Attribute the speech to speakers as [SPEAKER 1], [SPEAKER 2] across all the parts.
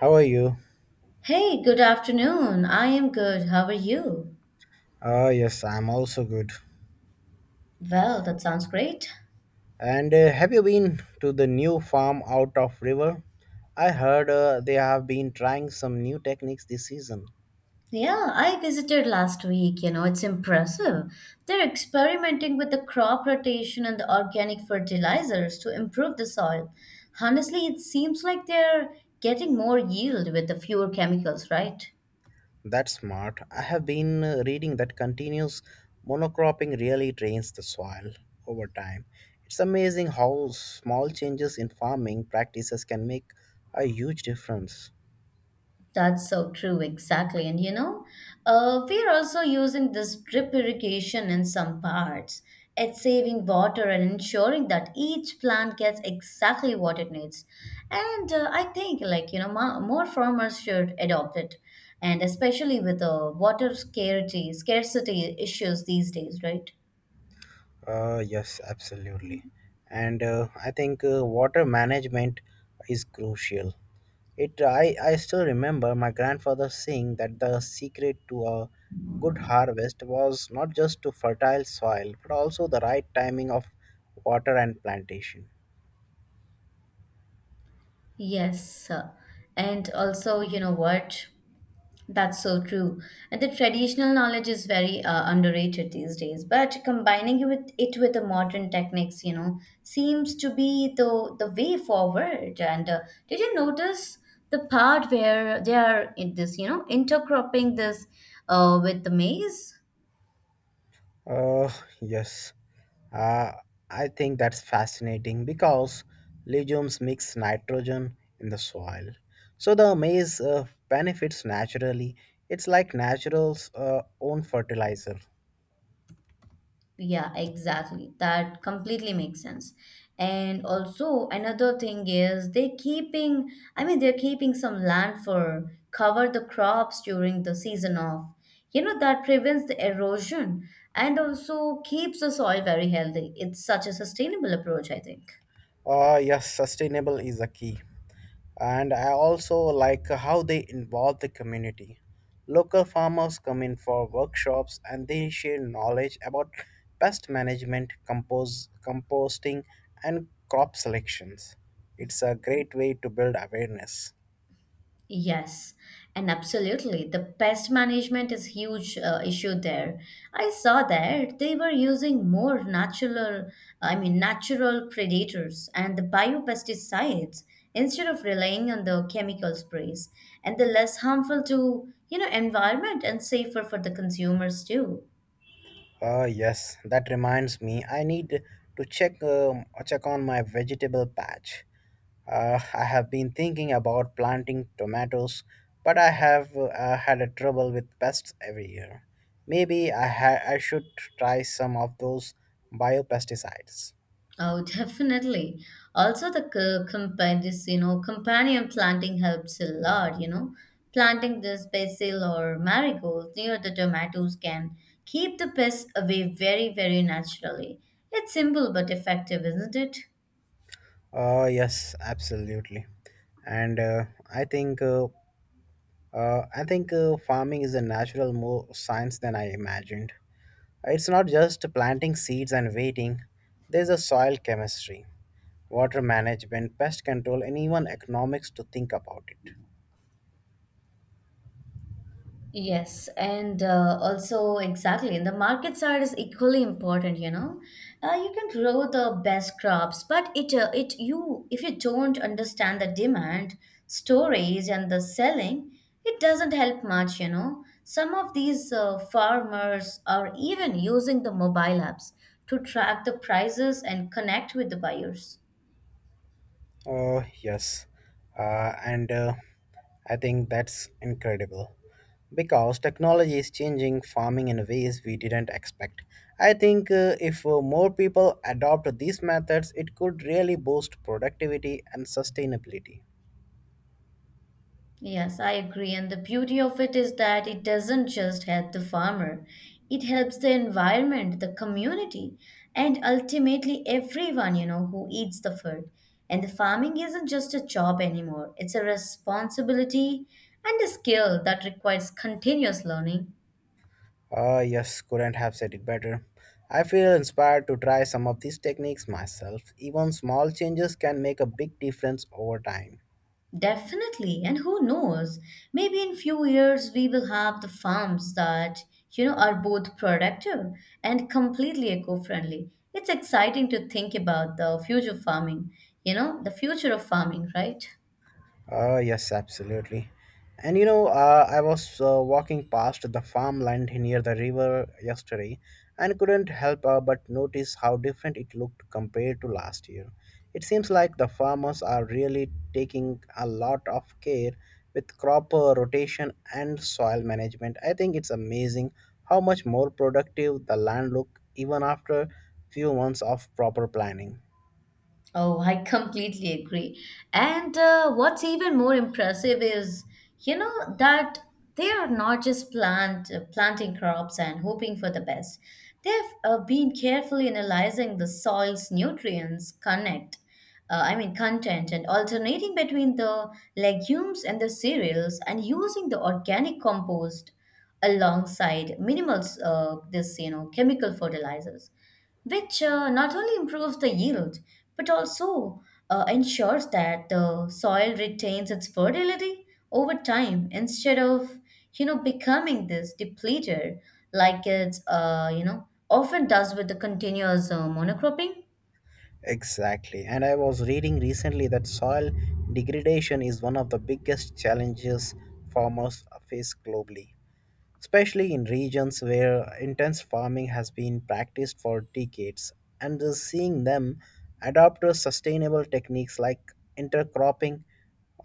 [SPEAKER 1] How are you?
[SPEAKER 2] Hey, good afternoon. I am good. How are you?
[SPEAKER 1] Ah, yes, I'm also good.
[SPEAKER 2] Well, that sounds great.
[SPEAKER 1] And have you been to the new farm out of river? I heard they have been trying some new techniques this season.
[SPEAKER 2] Yeah, I visited last week. You know, it's impressive. They're experimenting with the crop rotation and the organic fertilizers to improve the soil. Honestly, it seems like they're getting more yield with the fewer chemicals, right?
[SPEAKER 1] That's smart. I have been reading that continuous monocropping really drains the soil over time. It's amazing how small changes in farming practices can make a huge difference.
[SPEAKER 2] That's so true, exactly. And you know, we're also using this drip irrigation in some parts. It's saving water and ensuring that each plant gets exactly what it needs. And I think, like, you know, more farmers should adopt it. And especially with the water scarcity issues these days, right?
[SPEAKER 1] Yes, absolutely. And I think water management is crucial. I still remember my grandfather saying that the secret to a good harvest was not just to fertile soil but also the right timing of water and plantation.
[SPEAKER 2] Yes, sir. And also, you know what? That's so true. And the traditional knowledge is very underrated these days. But combining it with the modern techniques, you know, seems to be the way forward. And did you notice the part where they are in this, you know, intercropping this with the maize?
[SPEAKER 1] Oh, yes. Uh, I think that's fascinating because legumes mix nitrogen in the soil. So the maize benefits naturally. It's like natural's own fertilizer.
[SPEAKER 2] Yeah, exactly. That completely makes sense. And also another thing is they're keeping some land for cover the crops during the season of, you know, that prevents the erosion and also keeps the soil very healthy. It's such a sustainable approach, I think.
[SPEAKER 1] Yes, sustainable is a key. And I also like how they involve the community. Local farmers come in for workshops and they share knowledge about pest management, composting, and crop selections. It's a great way to build awareness.
[SPEAKER 2] Yes, and absolutely. The pest management is huge issue there. I saw that they were using more natural predators and the biopesticides instead of relying on the chemical sprays, and the less harmful to, you know, environment and safer for the consumers too.
[SPEAKER 1] Oh yes, that reminds me. I need to check on my vegetable patch. I have been thinking about planting tomatoes, but I have had a trouble with pests every year. Maybe I should try some of those biopesticides.
[SPEAKER 2] Oh, definitely. Also, the companion, this, you know, companion planting helps a lot, you know. Planting this basil or marigold near the tomatoes can keep the pests away very, very naturally. It's simple but effective, isn't it?
[SPEAKER 1] Oh yes, absolutely. And I think uh, I think farming is a natural more science than I imagined. It's not just planting seeds and waiting, there's a soil chemistry, water management, pest control, and even economics to think about it.
[SPEAKER 2] Yes, and also exactly, the market side is equally important, you know. You can grow the best crops, but it it you if you don't understand the demand, storage, and the selling, it doesn't help much, you know. Some of these farmers are even using the mobile apps to track the prices and connect with the buyers.
[SPEAKER 1] Oh, yes. And I think that's incredible because technology is changing farming in ways we didn't expect. I think if more people adopt these methods, it could really boost productivity and sustainability.
[SPEAKER 2] Yes, I agree. And the beauty of it is that it doesn't just help the farmer, it helps the environment, the community, and ultimately everyone, you know, who eats the food. And the farming isn't just a job anymore, it's a responsibility and a skill that requires continuous learning.
[SPEAKER 1] Ah, yes, couldn't have said it better. I feel inspired to try some of these techniques myself. Even small changes can make a big difference over time.
[SPEAKER 2] Definitely, and who knows? Maybe in few years we will have the farms that, you know, are both productive and completely eco-friendly. It's exciting to think about the future farming, you know, the future of farming, right?
[SPEAKER 1] Yes, absolutely. And you know, I was walking past the farmland near the river yesterday and couldn't help but notice how different it looked compared to last year. It seems like the farmers are really taking a lot of care with crop rotation and soil management. I think it's amazing how much more productive the land look even after few months of proper planning.
[SPEAKER 2] Oh, I completely agree. And what's even more impressive is, you know, that they are not just planting crops and hoping for the best. They've been carefully analyzing the soil's nutrients, I mean, content, and alternating between the legumes and the cereals, and using the organic compost alongside minimal this you know chemical fertilizers which not only improves the yield but also ensures that the soil retains its fertility over time instead of you know becoming this depleted like it's you know often does with the continuous monocropping.
[SPEAKER 1] Exactly. And I was reading recently that soil degradation is one of the biggest challenges farmers face globally, especially in regions where intense farming has been practiced for decades. And just seeing them adopt to sustainable techniques like intercropping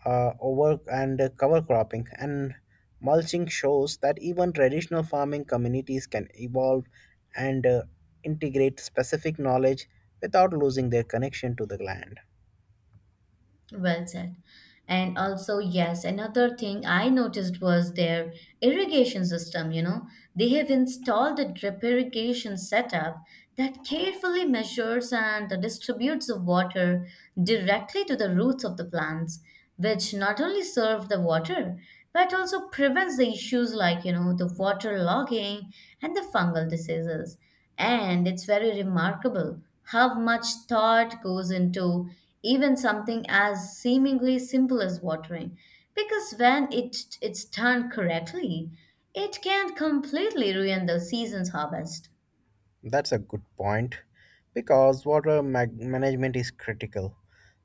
[SPEAKER 1] over and cover cropping and mulching shows that even traditional farming communities can evolve and integrate specific knowledge without losing their connection to the land.
[SPEAKER 2] Well said. And also, yes, another thing I noticed was their irrigation system. You know, they have installed a drip irrigation setup that carefully measures and distributes the water directly to the roots of the plants, which not only serve the water but also prevents the issues like, you know, the water logging and the fungal diseases. And it's very remarkable how much thought goes into even something as seemingly simple as watering. Because it's done correctly, it can completely ruin the season's harvest.
[SPEAKER 1] That's a good point because management is critical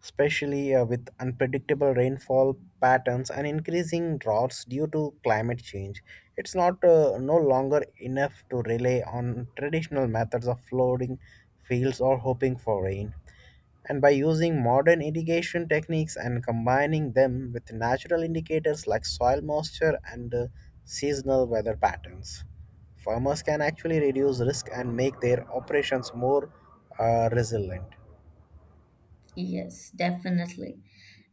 [SPEAKER 1] especially with unpredictable rainfall patterns and increasing droughts due to climate change. It's not no longer enough to rely on traditional methods of flooding fields or hoping for rain. And by using modern irrigation techniques and combining them with natural indicators like soil moisture and seasonal weather patterns, farmers can actually reduce risk and make their operations more resilient.
[SPEAKER 2] Yes, definitely.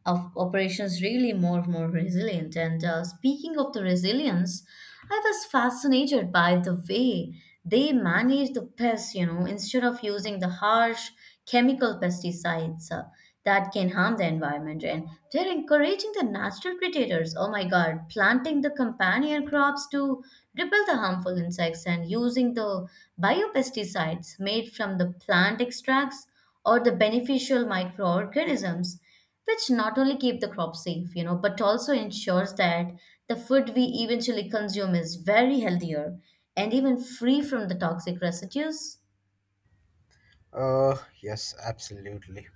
[SPEAKER 2] Of operations really more and more resilient. And speaking of the resilience, I was fascinated by the way they manage the pests, you know, instead of using the harsh chemical pesticides that can harm the environment. And they're encouraging the natural predators, oh my God, planting the companion crops to repel the harmful insects and using the biopesticides made from the plant extracts or the beneficial microorganisms which not only keep the crop safe, you know, but also ensures that the food we eventually consume is very healthier and even free from the toxic residues.
[SPEAKER 1] Uh, yes, absolutely.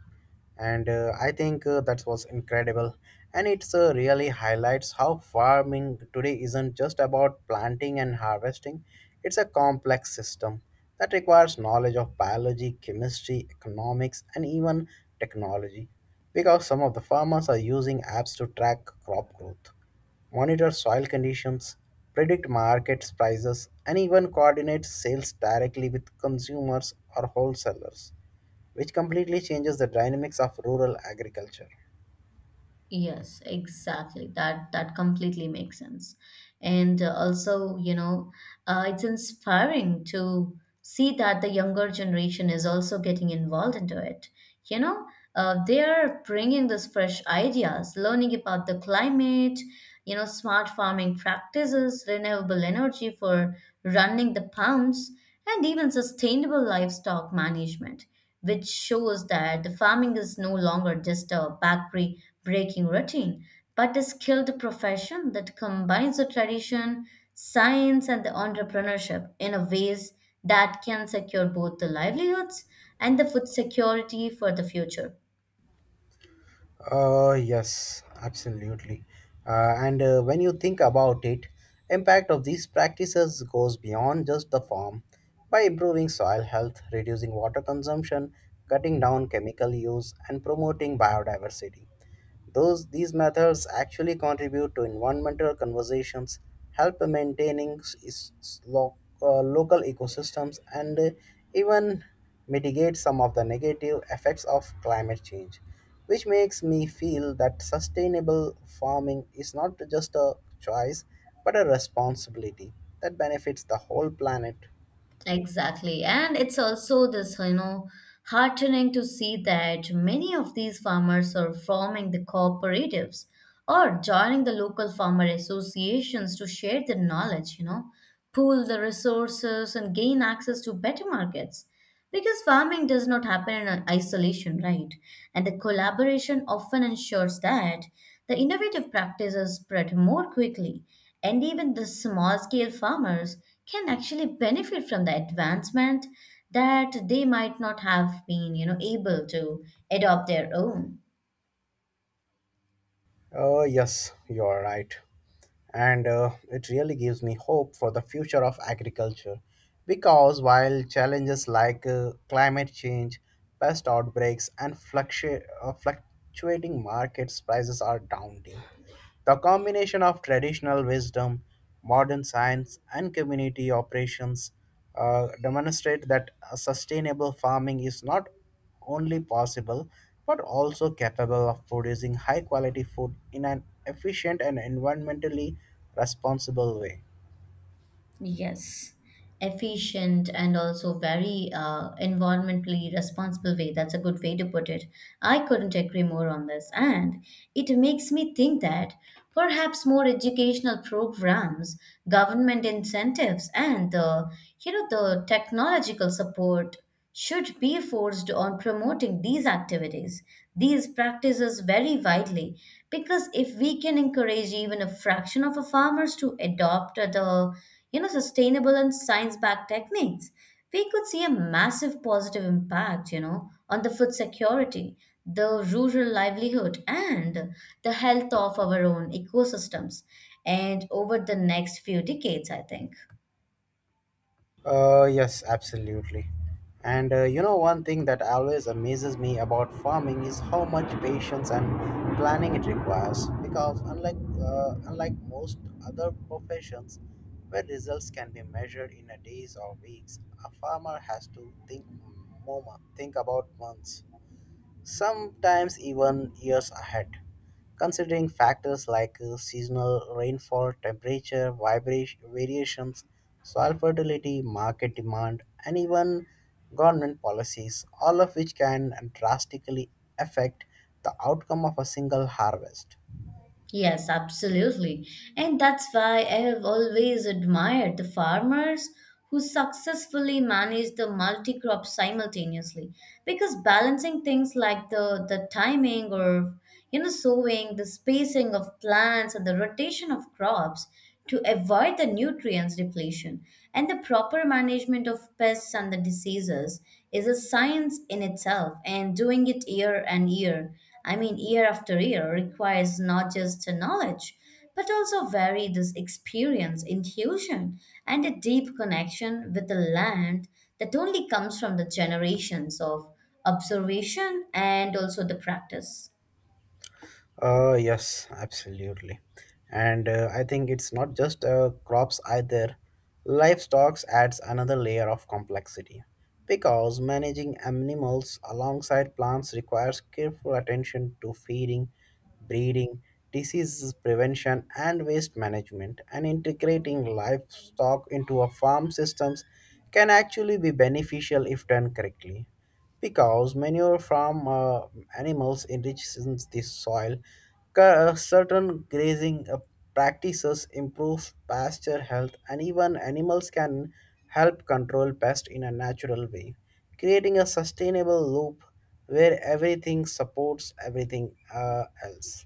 [SPEAKER 1] And I think that was incredible. And it's really highlights how farming today isn't just about planting and harvesting, it's a complex system that requires knowledge of biology, chemistry, economics, and even technology. Because some of the farmers are using apps to track crop growth monitor soil conditions, predict market prices, and even coordinate sales directly with consumers or wholesalers, which completely changes the dynamics of rural agriculture.
[SPEAKER 2] Yes, exactly. That completely makes sense. And also, you know, it's inspiring to see that the younger generation is also getting involved into it. You know, they are bringing these fresh ideas, learning about the climate, you know, smart farming practices, renewable energy for running the pumps, and even sustainable livestock management which shows that the farming is no longer just a backbreaking breaking routine, but a skilled profession that combines the tradition, science, and the entrepreneurship in a ways that can secure both the livelihoods and the food security for the future.
[SPEAKER 1] Yes, absolutely. And when you think about it, impact of these practices goes beyond just the farm. By improving soil health, reducing water consumption, cutting down chemical use, and promoting biodiversity. These methods actually contribute to environmental conversations, help maintaining local ecosystems, and even mitigate some of the negative effects of climate change, which makes me feel that sustainable farming is not just a choice but a responsibility that benefits the whole planet.
[SPEAKER 2] Exactly. And it's also this, you know, heartening to see that many of these farmers are forming the cooperatives or joining the local farmer associations to share their knowledge, you know, pool the resources and gain access to better markets. Because farming does not happen in isolation, right? And the collaboration often ensures that the innovative practices spread more quickly, and even the small scale farmers can actually benefit from the advancement that they might not have been, you know, able to adopt their own.
[SPEAKER 1] Yes, you are right. And it really gives me hope for the future of agriculture because while challenges like climate change, pest outbreaks, and fluctuating markets prices are daunting, the combination of traditional wisdom, modern science, and community operations demonstrate that a sustainable farming is not only possible but also capable of producing high quality food in an efficient and environmentally responsible way.
[SPEAKER 2] Yes, efficient and also very environmentally responsible way. That's a good way to put it. I couldn't agree more on this. And it makes me think that perhaps more educational programs, government incentives, and the, you know, the technological support should be forced on promoting these activities, these practices very widely, because if we can encourage even a fraction of our farmers to adopt the you know sustainable and science-backed techniques, we could see a massive positive impact, you know, on the food security, the rural livelihood, and the health of our own ecosystems, and over the next few decades, I think.
[SPEAKER 1] Yes, absolutely. And you know, one thing that always amazes me about farming is how much patience and planning it requires. Because unlike most other professions, where results can be measured in a days or weeks, a farmer has to think think about months, sometimes even years ahead. Considering factors like seasonal rainfall, temperature, vibration variations, soil fertility, market demand, and even government policies, all of which can drastically affect the outcome of a single harvest.
[SPEAKER 2] Yes, absolutely. And that's why I have always admired the farmers who successfully manage the multi crop simultaneously because balancing things like the timing or you know sowing the spacing of plants and the rotation of crops to avoid the nutrients depletion. And the proper management of pests and the diseases is a science in itself, and doing it year and year, I mean, year after year, requires not just a knowledge. But also varied experience, intuition, and a deep connection with the land that only comes from the generations of observation and also the practice.
[SPEAKER 1] Yes, absolutely. And I think it's not just crops either. Livestock adds another layer of complexity because managing animals alongside plants requires careful attention to feeding, breeding, disease prevention, and waste management. And integrating livestock into a farm systems can actually be beneficial if done correctly because manure from animals enriches the soil. Certain grazing practices improve pasture health, and even animals can help control pests in a natural way, creating a sustainable loop where everything supports everything else.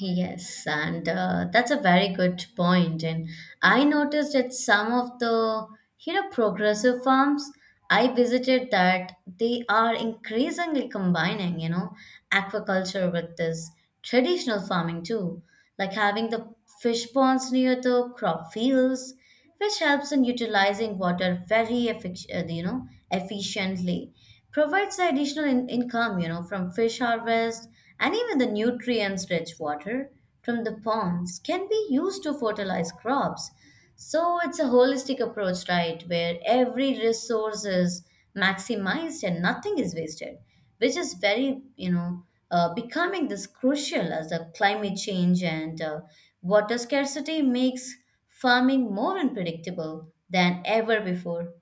[SPEAKER 2] Yes, and that's a very good point. And I noticed that some of the, you know, progressive farms I visited that they are increasingly combining, you know, aquaculture with this traditional farming too, like having the fish ponds near the crop fields which helps in utilizing water very you know efficiently provides additional income you know from fish harvest and even the nutrients rich water from the ponds can be used to fertilize crops, so it's a holistic approach, right, where every resource is maximized and nothing is wasted which is very you know becoming this crucial as the climate change and water scarcity makes farming more unpredictable than ever before.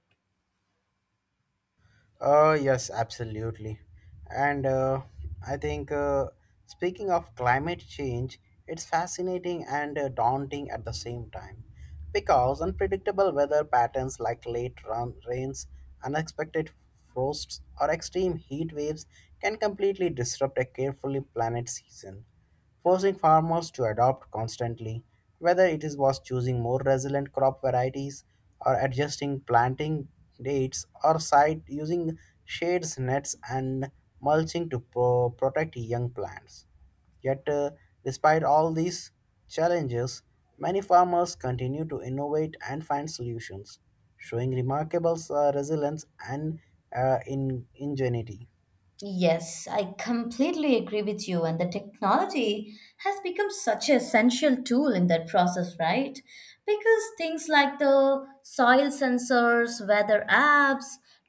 [SPEAKER 1] Yes, absolutely. And I think, speaking of climate change, it's fascinating and daunting at the same time because unpredictable weather patterns like rains, unexpected frosts, or extreme heat waves can completely disrupt a carefully planned season forcing farmers to adopt constantly, whether it is was choosing more resilient crop varieties or adjusting planting dates or site using shades, nets, and mulching to protect young plants. Yet, despite all these challenges, many farmers continue to innovate and find solutions, showing remarkable resilience and ingenuity.
[SPEAKER 2] Yes, I completely agree with you. And the technology has become such an essential tool in that process, right? Because things like the soil sensors, weather apps,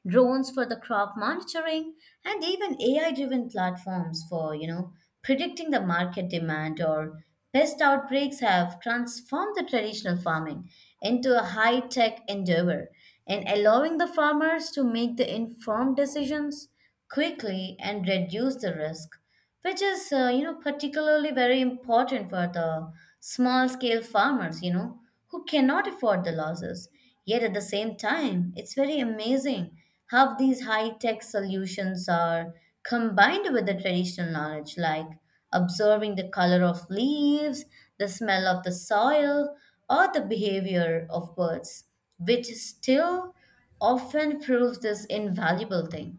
[SPEAKER 2] drones for the crop monitoring, and even AI-driven platforms for, you know, predicting the market demand or pest outbreaks have transformed the traditional farming into a high-tech endeavor and allowing the farmers to make the informed decisions quickly and reduce the risk, which is you know particularly very important for the small scale farmers, you know, who cannot afford the losses. Yet at the same time, it's very amazing how these high tech solutions are combined with the traditional knowledge, like observing the color of leaves, the smell of the soil, or the behavior of birds, which still often proves this invaluable thing.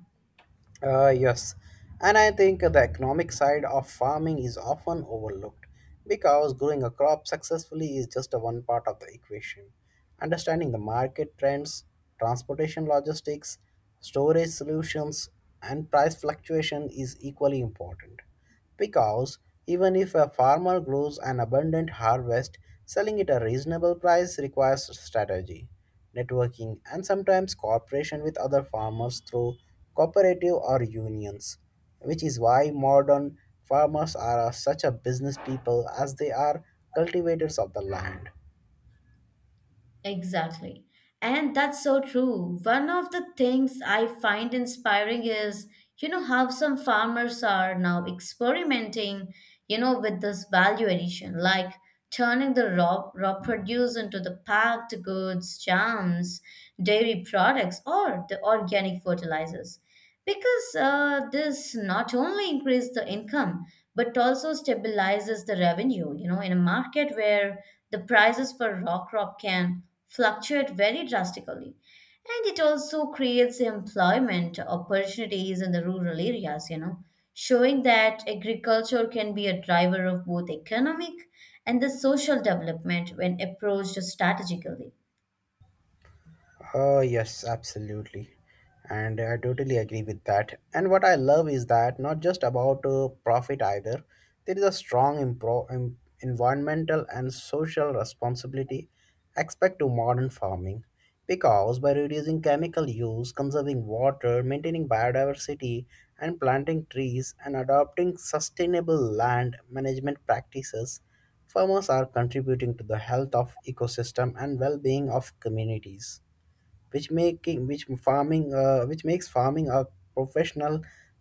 [SPEAKER 1] Yes, and I think the economic side of farming is often overlooked because growing a crop successfully is just a one part of the equation. Understanding the market trends, transportation logistics, storage solutions, and price fluctuation is equally important. Because even if a farmer grows an abundant harvest, selling it a reasonable price requires strategy, networking, and sometimes cooperation with other farmers through cooperative or unions, which is why modern farmers are such a business people as they are cultivators of the land.
[SPEAKER 2] Exactly. And that's so true. One of the things I find inspiring is, you know, how some farmers are now experimenting, you know, with this value addition, like turning the raw produce into the packed goods, jams, dairy products, or the organic fertilizers. Because this not only increases the income, but also stabilizes the revenue. You know, in a market where the prices for rock crop can fluctuate very drastically. And it also creates employment opportunities in the rural areas, you know, showing that agriculture can be a driver of both economic and the social development when approached strategically.
[SPEAKER 1] Oh, yes, absolutely. And I totally agree with that. And what I love is that not just about profit either, there is a strong environmental and social responsibility aspect to modern farming. Because by reducing chemical use, conserving water, maintaining biodiversity, and planting trees and adopting sustainable land management practices, farmers are contributing to the health of ecosystem and well-being of communities which farming which makes farming a professional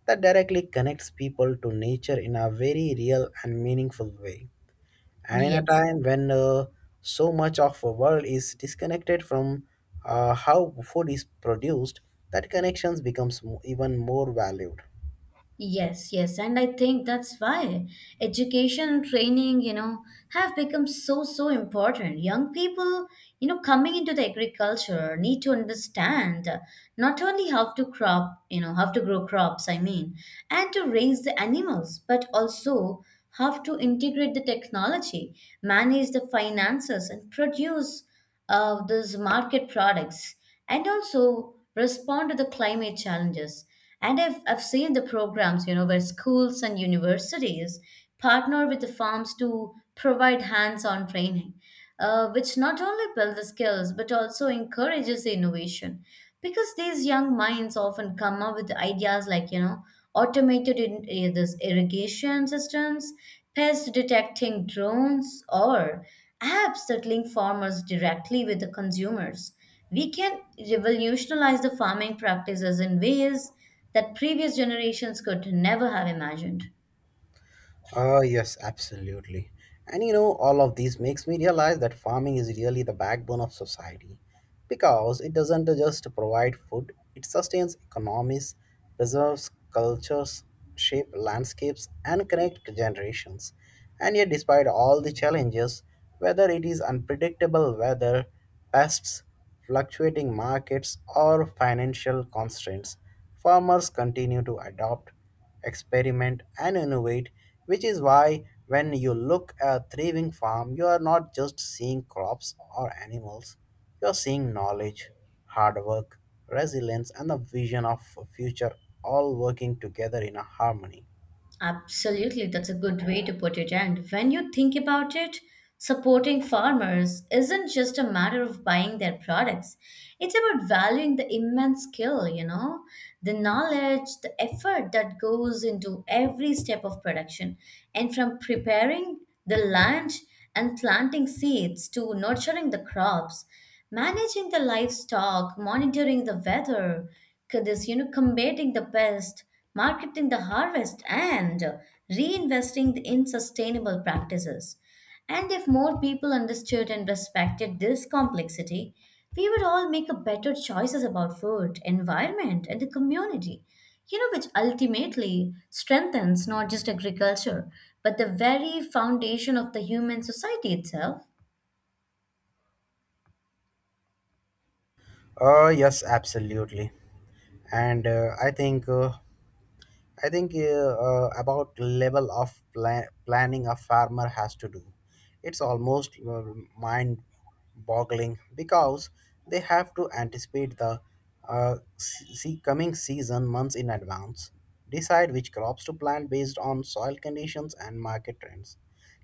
[SPEAKER 1] that directly connects people to nature in a very real and meaningful way and in a
[SPEAKER 2] Yes.
[SPEAKER 1] time when so much of the world is disconnected from how food is produced that connections becomes even more valued.
[SPEAKER 2] Yes, and I think that's why education and training, you know, have become so important. Young people, you know, coming into the agriculture need to understand not only how to crop, you know, how to grow crops, I mean, and to raise the animals, but also how to integrate the technology, manage the finances, and produce those market products, and also respond to the climate challenges. And I've seen the programs, you know, where schools and universities partner with the farms to provide hands-on training, which not only build the skills but also encourages the innovation. Because these young minds often come up with ideas like, you know, this irrigation systems, pest detecting drones, or apps that link farmers directly with the consumers. We can revolutionize the farming practices in ways that previous generations could never have imagined.
[SPEAKER 1] Ah, yes, absolutely. And you know, all of these makes me realize that farming is really the backbone of society because it doesn't just provide food, it sustains economies, preserves cultures, shape landscapes, and connect generations. And yet, despite all the challenges, whether it is unpredictable weather, pests, fluctuating markets, or financial constraints, farmers continue to adopt experiment, and innovate, which is why when you look at a thriving farm, you are not just seeing crops or animals, you are seeing knowledge, hard work, resilience, and the vision of a future all working together in a harmony.
[SPEAKER 2] Absolutely, that's a good way to put it. And when you think about it, supporting farmers isn't just a matter of buying their products, it's about valuing the immense skill, you know, the knowledge, the effort that goes into every step of production. And from preparing the land and planting seeds to nurturing the crops, managing the livestock, monitoring the weather. Because you know, combating the pest, marketing the harvest, and reinvesting in sustainable practices. And if more people understood and respected this complexity, we would all make a better choices about food, environment, and the community. You know, which ultimately strengthens not just agriculture, but the very foundation of the human society itself.
[SPEAKER 1] Yes, absolutely. And I think about level of planning a farmer has to do. It's almost mind boggling because they have to anticipate the uh, se- coming season months in advance, decide which crops to plant based on soil conditions and market trends.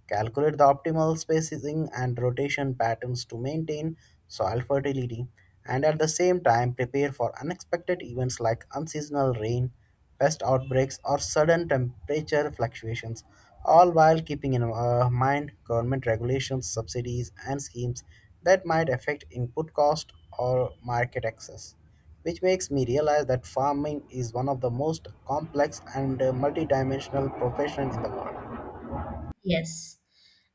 [SPEAKER 1] Calculate the optimal spacing and rotation patterns to maintain soil fertility and at the same time prepare for unexpected events like unseasonal rain, pest outbreaks, or sudden temperature fluctuations, all while keeping in mind government regulations, subsidies, and schemes that might affect input cost or market access. Which makes me realize that farming is one of the most complex and multidimensional profession in the world.
[SPEAKER 2] Yes,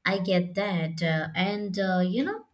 [SPEAKER 2] I get that. You know,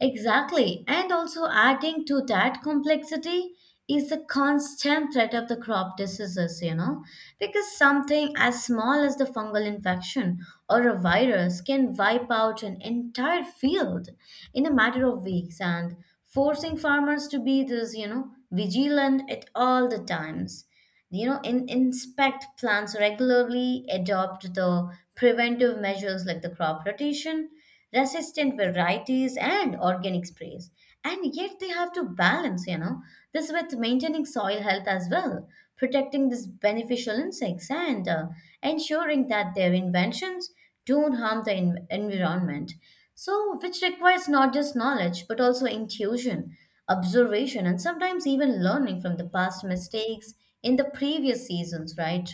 [SPEAKER 2] exactly. And also, adding to that complexity is the constant threat of the crop diseases, you know, because something as small as the fungal infection or a virus can wipe out an entire field in a matter of weeks and forcing farmers to be this, you know, vigilant at all the times. You know, inspect plants regularly, adopt the preventive measures like the crop rotation, resistant varieties, and organic sprays. And yet they have to balance, you know, this with maintaining soil health as well, protecting these beneficial insects, and ensuring that their inventions don't harm the environment. So, which requires not just knowledge, but also intuition, observation, and sometimes even learning from the past mistakes in the previous seasons, right?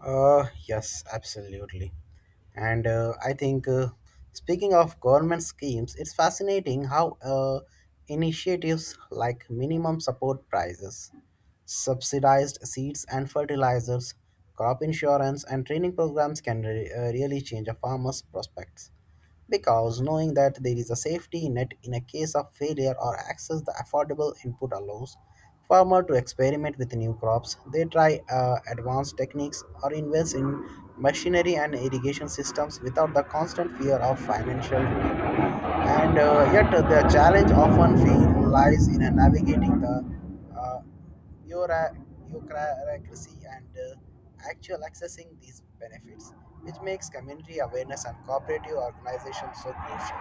[SPEAKER 1] Yes, absolutely. And I think, speaking of government schemes, it's fascinating how initiatives like minimum support prices, subsidized seeds and fertilizers, crop insurance, and training programs can really change a farmer's prospects because knowing that there is a safety net in a case of failure or access the affordable input allows farmer to experiment with new crops they try advanced techniques or invest in machinery and irrigation systems without the constant fear of financial ruin. And Yet the challenge often lies in navigating the uh, uh, your, and actual accessing these benefits, which makes community awareness and cooperative organizations so crucial.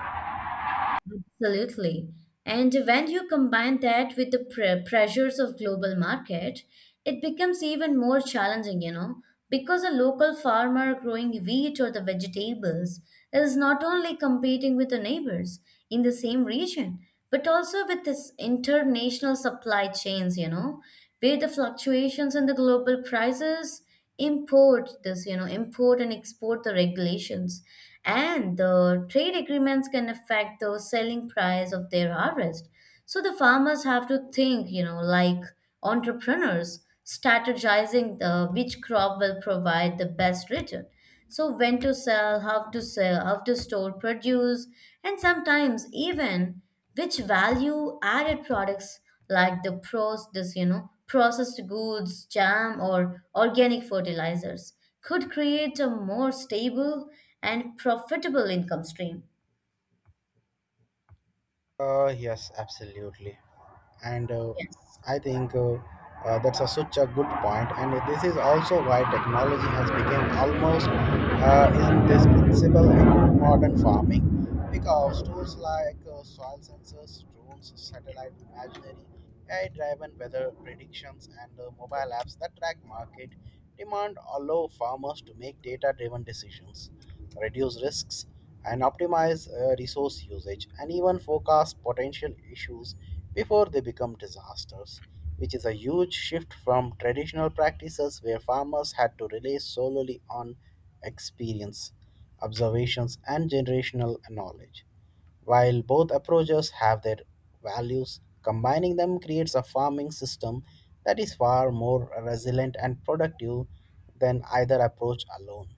[SPEAKER 2] Absolutely. And when you combine that with the pressures of global market, it becomes even more challenging, you know, because a local farmer growing wheat or the vegetables is not only competing with the neighbors in the same region, but also with this international supply chains, you know, where the fluctuations in the global prices import this you know import and export the regulations and the trade agreements can affect the selling price of their harvest. So the farmers have to think, you know, like entrepreneurs strategizing the which crop will provide the best return. So when to sell, how to sell, how to store produce, and sometimes even which value added products like the pros this you know processed goods, jam, or organic fertilizers could create a more stable and profitable income stream.
[SPEAKER 1] Yes, absolutely. And
[SPEAKER 2] Yes.
[SPEAKER 1] I think That's a, such a good point. And this is also why technology has become almost indispensable in modern farming, because tools like soil sensors, drones, satellite imaginary, AI driven weather predictions, and mobile apps that track market demand allow farmers to make data driven decisions, reduce risks, and optimize resource usage, and even forecast potential issues before they become disasters, which is a huge shift from traditional practices where farmers had to rely solely on experience, observations, and generational knowledge. While both approaches have their values, combining them creates a farming system that is far more resilient and productive than either approach alone.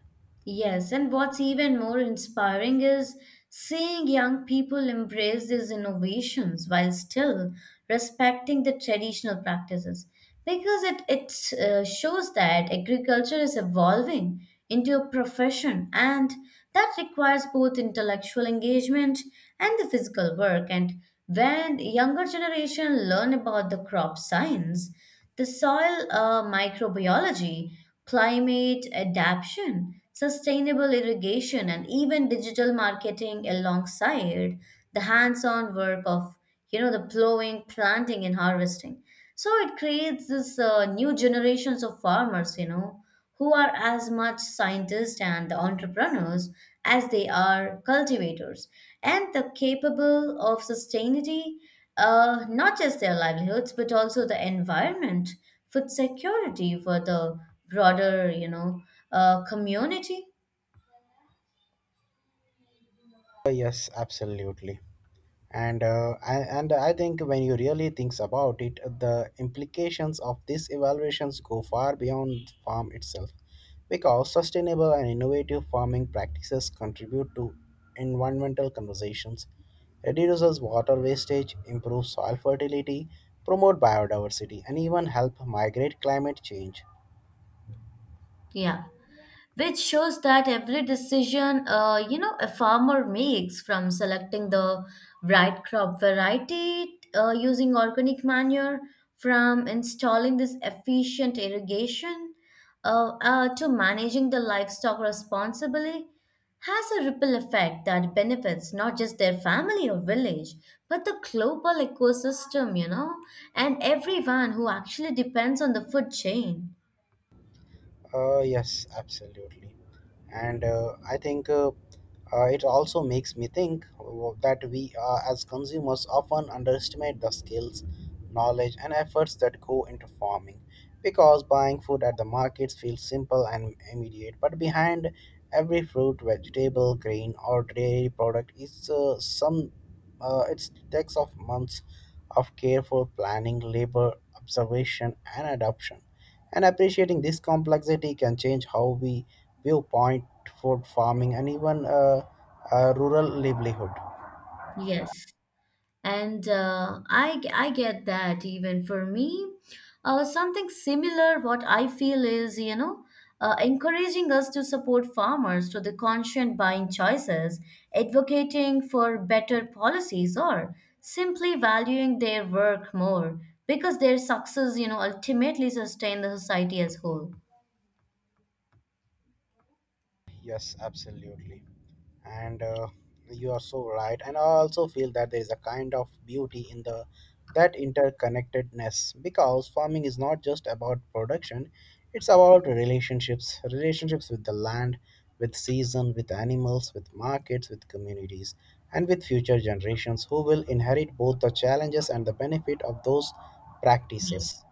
[SPEAKER 2] Yes, and what's even more inspiring is seeing young people embrace these innovations while still respecting the traditional practices because it shows that agriculture is evolving into a profession and that requires both intellectual engagement and the physical work. And when younger generation learn about the crop science, the soil microbiology, climate adaptation, sustainable irrigation, and even digital marketing alongside the hands-on work of, you know, the plowing, planting, and harvesting. So it creates this new generations of farmers, you know, who are as much scientists and entrepreneurs as they are cultivators, and the capable of sustaining not just their livelihoods but also the environment, food security for the broader, you know, community.
[SPEAKER 1] Yes, absolutely. And I think when you really thinks about it, the implications of these evaluations go far beyond farm itself, because sustainable and innovative farming practices contribute to environmental conversations, reduces water wastage, improves soil fertility, promote biodiversity, and even help migrate climate change.
[SPEAKER 2] Yeah, which shows that every decision, you know, a farmer makes, from selecting the right crop variety, using organic manure, from installing this efficient irrigation, to managing the livestock responsibly, has a ripple effect that benefits not just their family or village but the global ecosystem, you know, and everyone who actually depends on the food chain.
[SPEAKER 1] Yes, absolutely. And I think It also makes me think that we, as consumers, often underestimate the skills, knowledge, and efforts that go into farming, because buying food at the markets feels simple and immediate, but behind every fruit, vegetable, grain, or dairy product is some. It's takes of months of careful planning, labor, observation, and adoption. And appreciating this complexity can change how we view point food farming and even rural livelihood.
[SPEAKER 2] Yes. And uh, I get that even for me. Something similar, what I feel is, you know, encouraging us to support farmers to the conscient buying choices, advocating for better policies, or simply valuing their work more because their success, you know, ultimately sustain the society as whole.
[SPEAKER 1] Yes, absolutely. And You are so right. And I also feel that there is a kind of beauty in the that interconnectedness, because farming is not just about production, it's about relationships, relationships with the land, with season, with animals, with markets, with communities, and with future generations who will inherit both the challenges and the benefit of those
[SPEAKER 2] Yes.
[SPEAKER 1] practices.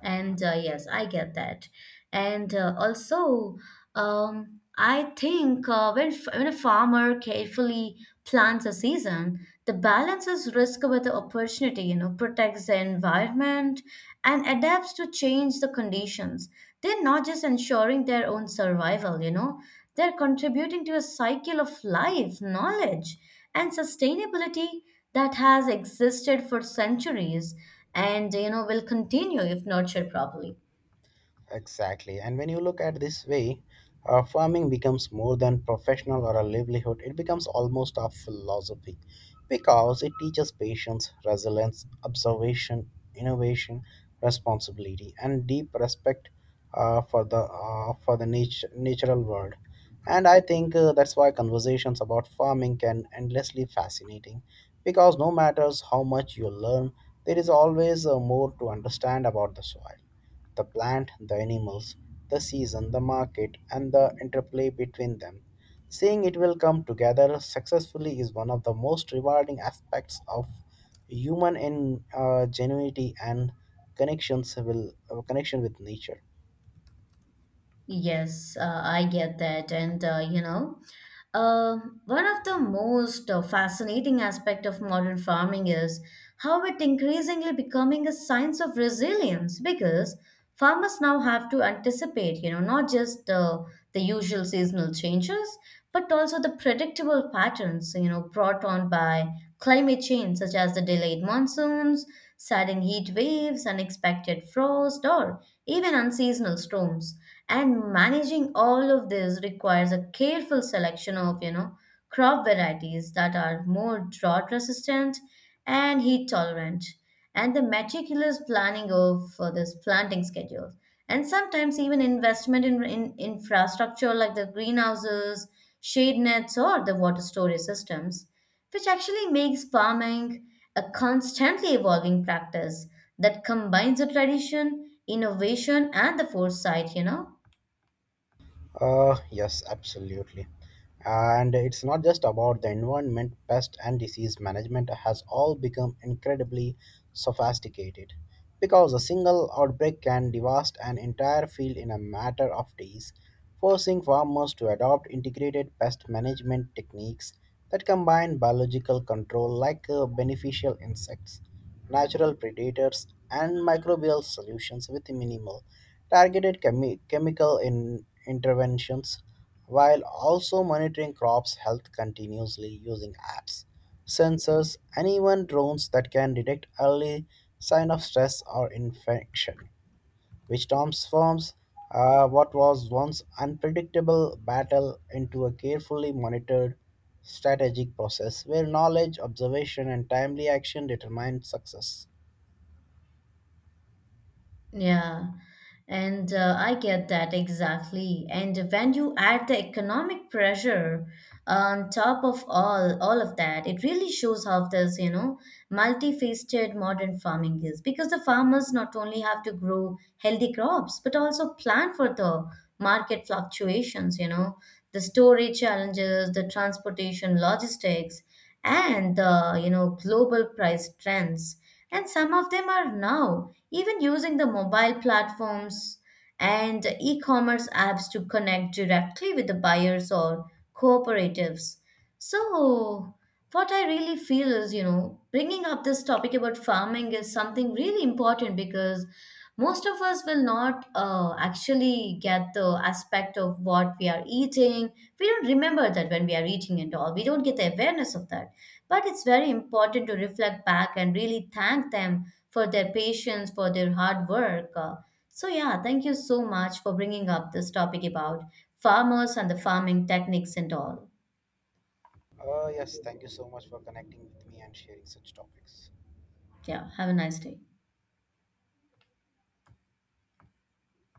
[SPEAKER 2] And yes, I get that. And also, I think when, when a farmer carefully plans a season, the balances risk with the opportunity, you know, protects the environment and adapts to change the conditions. They're not just ensuring their own survival, you know, they're contributing to a cycle of life, knowledge, and sustainability that has existed for centuries, and you know, will continue if nurtured properly.
[SPEAKER 1] Exactly. And when you look at this way, farming becomes more than professional or a livelihood. It becomes almost a philosophy because it teaches patience, resilience, observation, innovation, responsibility, and deep respect for the natural world. And I think that's why conversations about farming can endlessly fascinating because no matters how much you learn, there is always more to understand about the soil, the plant, the animals, the season, the market, and the interplay between them. Seeing it will come together successfully is one of the most rewarding aspects of human ingenuity and connections will connection with nature.
[SPEAKER 2] Yes, I get that. And you know, uh, one of the most fascinating aspect of modern farming is how it increasingly becoming a science of resilience because farmers now have to anticipate, you know, not just the usual seasonal changes, but also the predictable patterns, you know, brought on by climate change, such as the delayed monsoons, sudden heat waves, unexpected frost, or even unseasonal storms. And managing all of this requires a careful selection of, you know, crop varieties that are more drought resistant and heat tolerant, and the meticulous planning of, this planting schedule, and sometimes even investment in infrastructure like the greenhouses, shade nets, or the water storage systems, which actually makes farming a constantly evolving practice that combines the tradition, innovation, and the foresight, you know.
[SPEAKER 1] Yes, absolutely. And it's not just about the environment, pest and disease management has all become incredibly sophisticated because a single outbreak can devastate an entire field in a matter of days, forcing farmers to adopt integrated pest management techniques that combine biological control like beneficial insects, natural predators, and microbial solutions with minimal targeted chemical interventions, while also monitoring crops' health continuously using apps, sensors, and even drones that can detect early sign of stress or infection, which transforms what was once unpredictable battle into a carefully monitored strategic process where knowledge, observation, and timely action determine success.
[SPEAKER 2] Yeah, and I get that exactly. And when you add the economic pressure on top of all of that, it really shows how this, you know, multifaceted modern farming is. Because the farmers not only have to grow healthy crops, but also plan for the market fluctuations, you know, the storage challenges, the transportation logistics, and the, you know, global price trends. And some of them are now even using the mobile platforms and e commerce apps to connect directly with the buyers or cooperatives. So, what I really feel is, you know, bringing up this topic about farming is something really important because most of us will not actually get the aspect of what we are eating. We don't remember that when we are eating and all. We don't get the awareness of that. But it's very important to reflect back and really thank them for their patience, for their hard work. So, yeah, thank you so much for bringing up this topic about farmers and the farming techniques and all.
[SPEAKER 1] Yes, thank you so much for connecting with me and sharing such topics.
[SPEAKER 2] Yeah. Have a nice day.